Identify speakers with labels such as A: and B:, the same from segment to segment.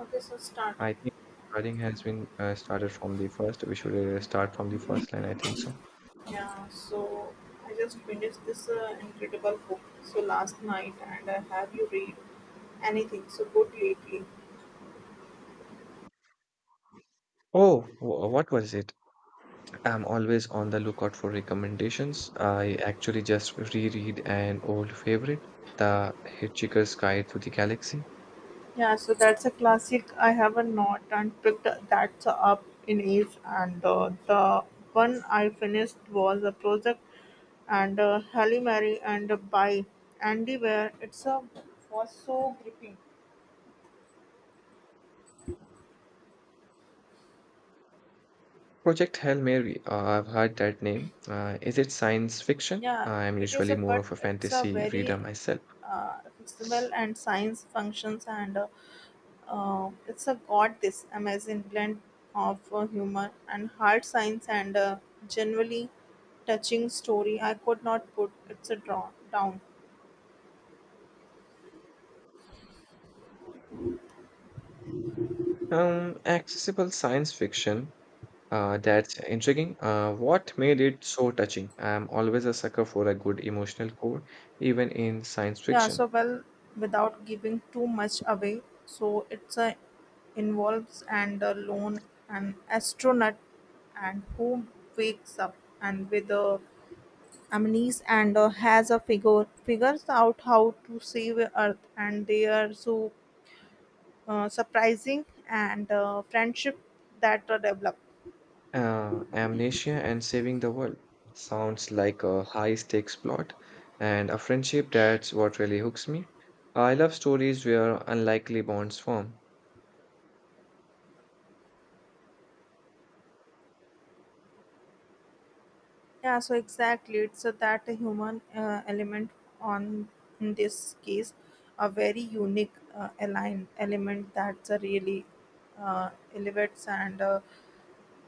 A: Okay, so start.
B: I think the recording has been started from the first. We should start from the first line, I think so.
A: Yeah, so I just finished this incredible book so last night, and have you read anything so good lately?
B: Oh, what was it? I'm always on the lookout for recommendations. I actually just reread an old favorite, The Hitchhiker's Guide to the Galaxy.
A: Yeah, so that's a classic. I have a not and picked that up in age, and the one I finished was a project and Halle Mary and by Andy Ware. It's a was so gripping.
B: Project Hail Mary, I've heard that name. Is it science fiction?
A: Yeah,
B: I'm
A: it is
B: usually
A: a
B: more
A: but
B: of a
A: it's a
B: fantasy reader
A: very
B: myself.
A: flexible and science functions and it's a got this amazing blend of humor and hard science and a generally touching story. I could not put it's a draw down.
B: Accessible science fiction. That's intriguing. What made it so touching? I'm always a sucker for a good emotional core, even in science fiction.
A: Well without giving too much away. So it's a involves and a lone an astronaut and who wakes up and with a amnesia and has a figures out how to save earth and they are so. Surprising and friendship that develop.
B: Amnesia and saving the world sounds like a high-stakes plot and a friendship. That's what really hooks me. I love stories where unlikely bonds form.
A: Yeah, so exactly, it's that human element on in this case a very unique align element that's really elevates and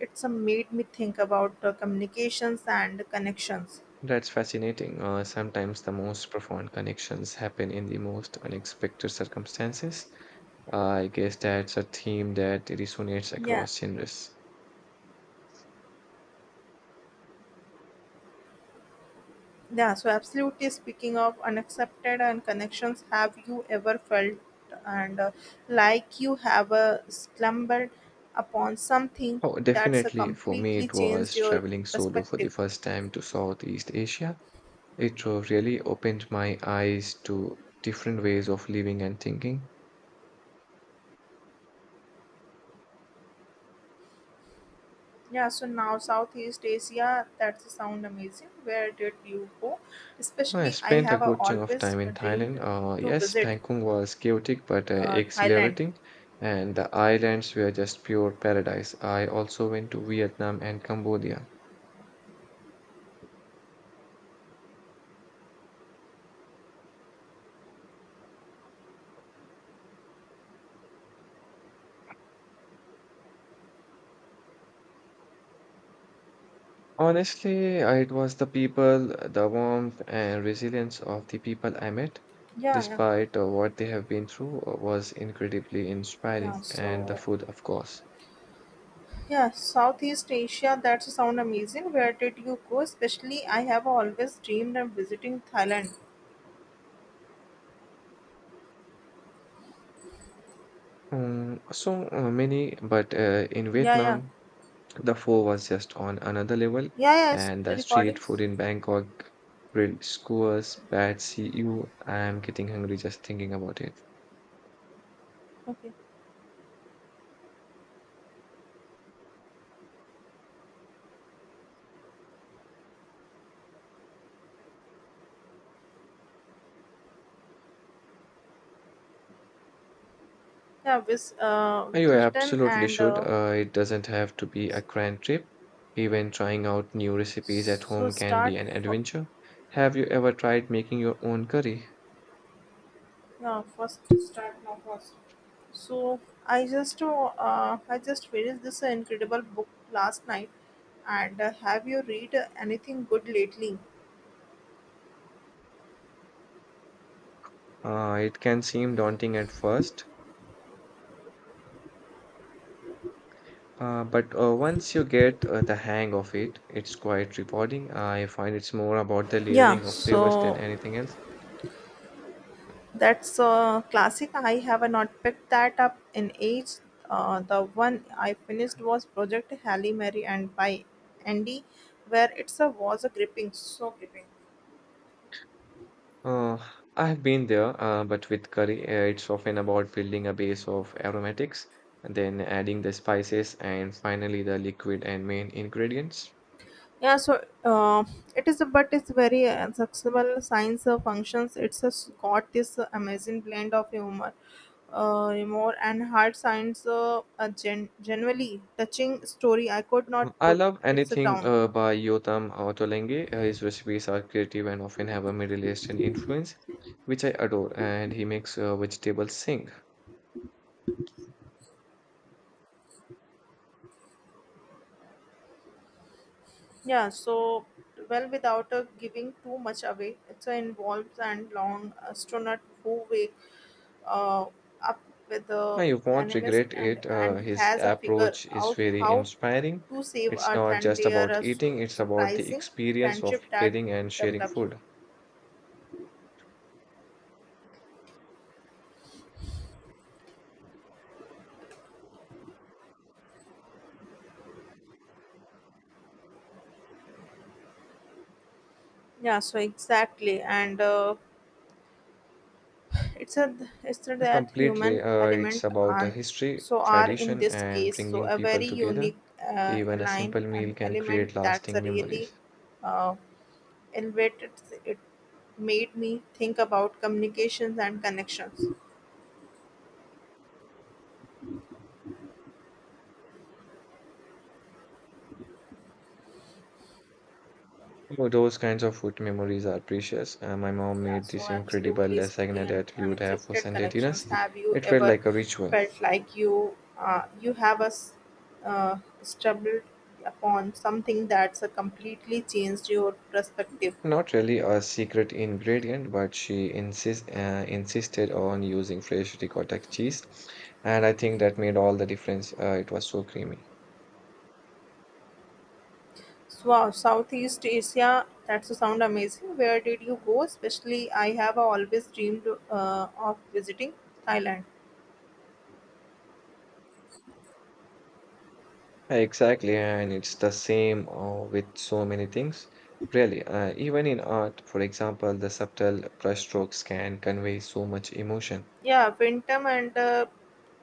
A: it's made me think about communications and connections.
B: That's fascinating. Sometimes the most profound connections happen in the most unexpected circumstances. I guess that's a theme that resonates
A: Yeah.
B: across genres.
A: Yeah, so absolutely speaking of unaccepted and connections, have you ever felt and like you have stumbled upon something
B: Oh,
A: that's
B: definitely. For me,
A: completely
B: it
A: changed
B: was
A: your
B: traveling solo for the
A: perspective?
B: first time to Southeast Asia. It really opened my eyes to different ways of living and thinking.
A: Yeah, so now Southeast Asia, that's sound amazing. Where did you go?
B: I
A: Especially, I
B: spent a
A: have
B: good chunk of
A: always
B: time in
A: dreamed
B: Thailand.
A: to
B: Yes,
A: visit
B: Bangkok was chaotic but
A: Thailand.
B: exhilarating, and the islands were just pure paradise. I also went to Vietnam and Cambodia. Honestly, it was the people, the warmth and resilience of the people I met,
A: Yeah, yeah,
B: despite what they have been through, was incredibly
A: yeah.
B: inspiring, and the
A: So
B: food, of course.
A: Yeah, Southeast Asia, that sound amazing. Where did you go? Especially, I have always dreamed of visiting Thailand.
B: Many, but in
A: Yeah, yeah,
B: Vietnam, the pho was just on another level,
A: yeah, yeah. It's
B: and the street
A: recordings.
B: food in Bangkok, grilled skewers, pad see ew. I'm getting hungry just thinking about it.
A: Okay. Yeah, with
B: You
A: Brisbane
B: absolutely
A: and
B: should.
A: uh,
B: It doesn't have to be a
A: s-
B: grand trip. Even trying out new recipes at
A: so
B: home can
A: start.
B: be an
A: For,
B: adventure. Have you ever tried making your own curry?
A: yeah, first start now first. So I just finished this incredible book last night, and have you read anything good lately?
B: It can seem daunting at first, but once you get the hang of it, it's quite rewarding. I find it's more about the
A: Yeah,
B: layering of flavors than
A: so
B: anything else.
A: That's a classic. I have not picked that up in age. The one I finished was Project Halle Mary and by Andy, where it's a was a so gripping.
B: Uh, I have been there, but with curry, it's often about building a base of aromatics, and then adding the spices, and finally the liquid and main ingredients.
A: Yeah, so uh, it is, a, but it's very accessible science functions. It's got this amazing blend of humor and hard science. A generally touching story. I could not
B: Mm, I
A: put
B: love
A: it's a
B: anything
A: down.
B: by Yotam Otolenghi. His recipes are creative and often have a Middle Eastern influence, which I adore, and he makes vegetables sing.
A: Yeah, so well, without giving too much away, it involves and long astronaut who wake uh, up with
B: Now,
A: the
B: you won't
A: animist
B: regret it.
A: and
B: His
A: has a figure
B: approach is
A: out
B: very
A: how
B: inspiring.
A: to save
B: It's
A: Earth,
B: not
A: and
B: just
A: they are
B: about
A: a
B: eating, it's about the
A: surprising
B: experience of
A: friendship that
B: preparing and sharing
A: develops.
B: food.
A: Yeah, so exactly, and. It's a it's a that human
B: Completely,
A: element
B: it's about
A: and
B: history,
A: so are in
B: tradition,
A: this
B: and
A: case so
B: bringing
A: a
B: people
A: very
B: together.
A: unique
B: Even a
A: line
B: simple
A: and
B: meal can
A: element
B: create
A: that's a
B: lasting
A: really
B: memories.
A: uh, elevated. It made me think about communications and connections.
B: Oh, those kinds of food memories are precious. My mom
A: Yeah,
B: made
A: so
B: this incredible
A: absolutely
B: lasagna
A: speaking and
B: that we would have for
A: unaccepted
B: Sunday
A: connections.
B: dinners.
A: Have you
B: It felt
A: ever
B: like a ritual.
A: felt like you have a stumbled upon something that's a completely changed your perspective?
B: Not really a secret ingredient, but she insisted on using fresh ricotta cheese, and I think that made all the difference. It was so creamy.
A: Wow, Southeast Asia, that's a sound amazing. Where did you go? Especially, I have always dreamed of visiting Thailand.
B: Exactly, and it's the same with so many things. Really, even in art, for example, the subtle brushstrokes can convey so much emotion.
A: Yeah, Vietnam and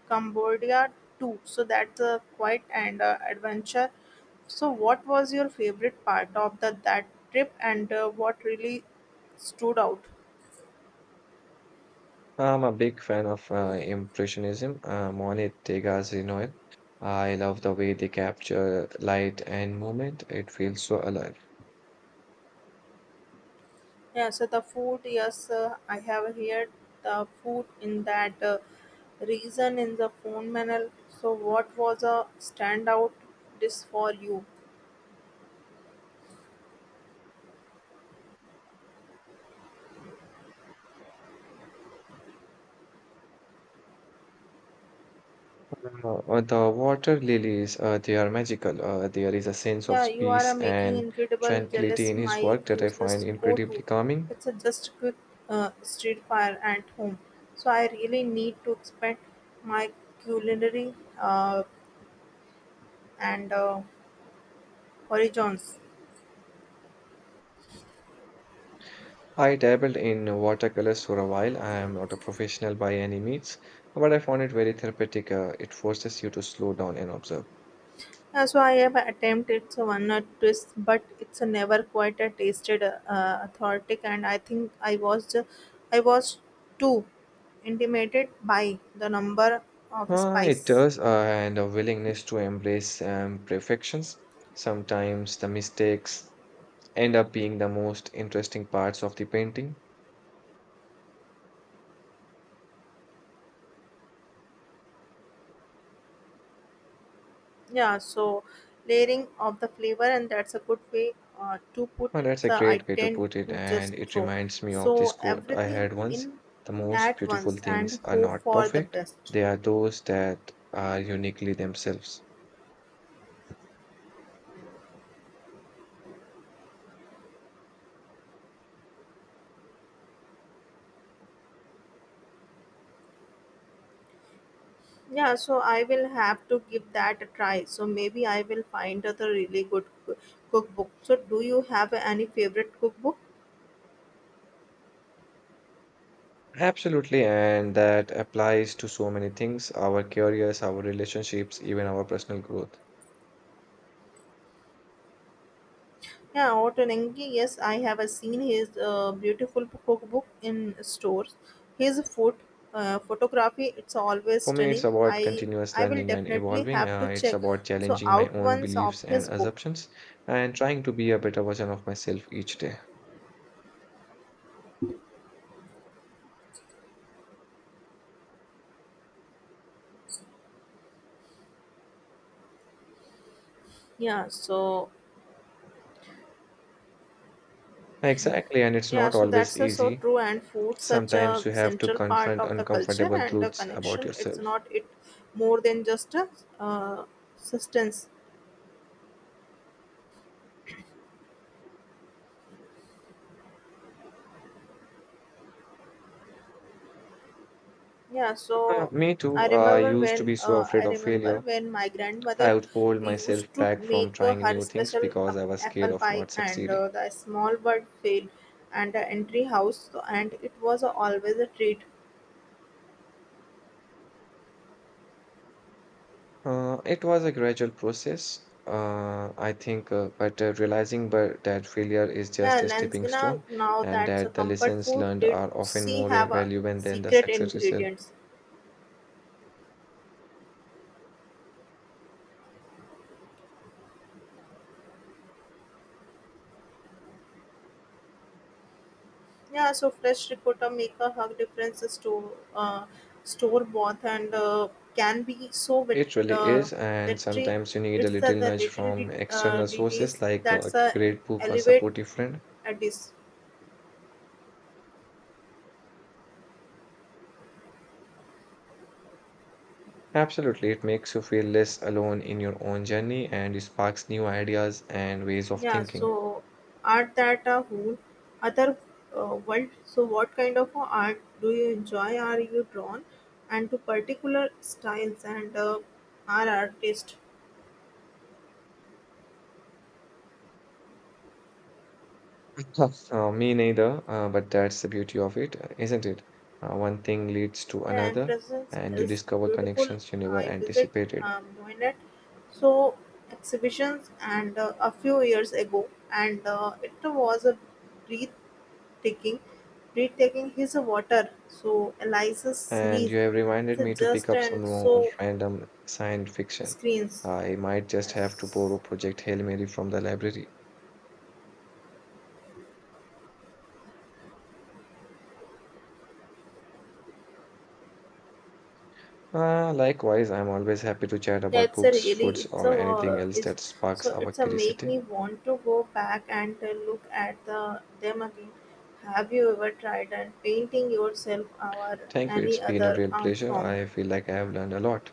A: Cambodia too. So that's a quite and adventure. So, what was your favorite part of the that trip, and what really stood out?
B: I'm a big fan of Impressionism, Monet, Degas, Renoir. I love the way they capture light and movement. It feels so alive.
A: Yeah, so the food, yes, I have heard the food in that reason in the phone manual. So, what was a standout dish for you?
B: The water lilies, they are magical. There is a sense
A: Yeah,
B: of
A: you are
B: peace
A: making
B: and
A: incredible
B: tranquility
A: jealous
B: in his
A: my
B: work that I find
A: useless go to.
B: incredibly calming.
A: It's a just quick street fire at home. So, I really need to expand my culinary uh, and horizons.
B: I dabbled in watercolors for a while. I am not a professional by any means, but I found it very therapeutic. It forces you to slow down and observe.
A: So I have attempted it's a one or twist, but it's a never quite a tasted authentic, and I think I was too intimidated by the number of spice.
B: It does, and a willingness to embrace perfections. Sometimes the mistakes end up being the most interesting parts of the painting.
A: Yeah, so layering of the flavor, and that's a good way to put it.
B: That's a
A: I
B: great way to
A: tend
B: put it,
A: to just
B: and it
A: throw
B: reminds me of
A: so
B: this quote I
A: everything
B: had once.
A: in
B: The most
A: at
B: beautiful
A: once and
B: things are
A: hope
B: not
A: for the
B: perfect,
A: best.
B: they are those that are uniquely themselves.
A: Yeah, so I will have to give that a try. So maybe I will find other really good cookbook. So do you have any favorite cookbook?
B: Absolutely, and that applies to so many things, our careers, our relationships, even our personal growth.
A: Yeah, Otonengi. Yes, I have seen his beautiful cookbook in stores. His food, photography, it's always
B: For me, it's
A: stunning.
B: about continuous
A: I will
B: learning and
A: definitely
B: evolving.
A: have to
B: It's
A: check
B: about
A: so
B: challenging my
A: out
B: own
A: ones of
B: beliefs and
A: his book.
B: assumptions and trying to be a better version of myself each day.
A: Yeah, so
B: Exactly, and it's
A: Yeah,
B: not
A: so
B: always
A: that's so
B: easy.
A: true. And food, such
B: Sometimes
A: a
B: you have to
A: central part
B: confront
A: of the culture
B: uncomfortable
A: and the
B: truths about
A: connection. It's
B: yourself.
A: not it more than just a uh, sustenance. Yeah, so
B: Me
A: I
B: too. I
A: remember
B: used to
A: when
B: be so afraid of failure.
A: my grandmother
B: I would hold
A: used
B: myself
A: to
B: back
A: make
B: from trying
A: her
B: new things
A: special
B: because I was scared
A: apple
B: of
A: pie,
B: not
A: and
B: succeeding.
A: the small bird fail and the entry house, so, and it was always a treat.
B: It was a gradual process. I think, but realizing but that failure is
A: Yeah,
B: just a stepping
A: Lansgana,
B: stone
A: now
B: and
A: that's a
B: that the
A: comfort
B: lessons
A: food.
B: learned
A: Did
B: are often
A: she
B: more
A: have a
B: valuable than the
A: secret
B: success itself.
A: ingredients? Yeah, so fresh ricotta make a hug difference to store bought and can be so wet,
B: It really
A: uh,
B: is, and
A: vetry.
B: sometimes you need a
A: It's
B: little
A: the
B: nudge
A: little
B: from external sources
A: details
B: like a
A: that's
B: great book or
A: elevate
B: supportive friend.
A: a dish.
B: Absolutely, it makes you feel less alone in your own journey and sparks new ideas and ways of
A: Yeah,
B: thinking.
A: so art that a whole other world. So what kind of art do you enjoy? Are you drawn and to particular styles and are artist?
B: Yes. Me neither, but that's the beauty of it, isn't it? One thing leads to
A: Yeah, and
B: another,
A: presence
B: and you
A: is
B: discover
A: beautiful.
B: connections you never
A: I visit
B: anticipated.
A: Moinet So exhibitions and a few years ago and it was a breathtaking breathtaking his water so Eliza's
B: And
A: series
B: you have
A: it's
B: reminded
A: a
B: me to pick
A: just
B: up some
A: and
B: more
A: so
B: random science fiction.
A: screens.
B: I might just have to
A: Yes,
B: borrow Project Hail Mary from the library. Likewise, I'm always happy to chat about
A: that's a
B: books,
A: really
B: foods,
A: it's
B: or
A: a
B: anything else
A: is
B: that
A: so
B: sparks our
A: it's a make me
B: curiosity.
A: want to go back and look at the them again. Have you ever tried and painting yourself or
B: Thank you,
A: any
B: it's been
A: other
B: a real
A: art
B: pleasure.
A: form?
B: I feel like I have learned a lot.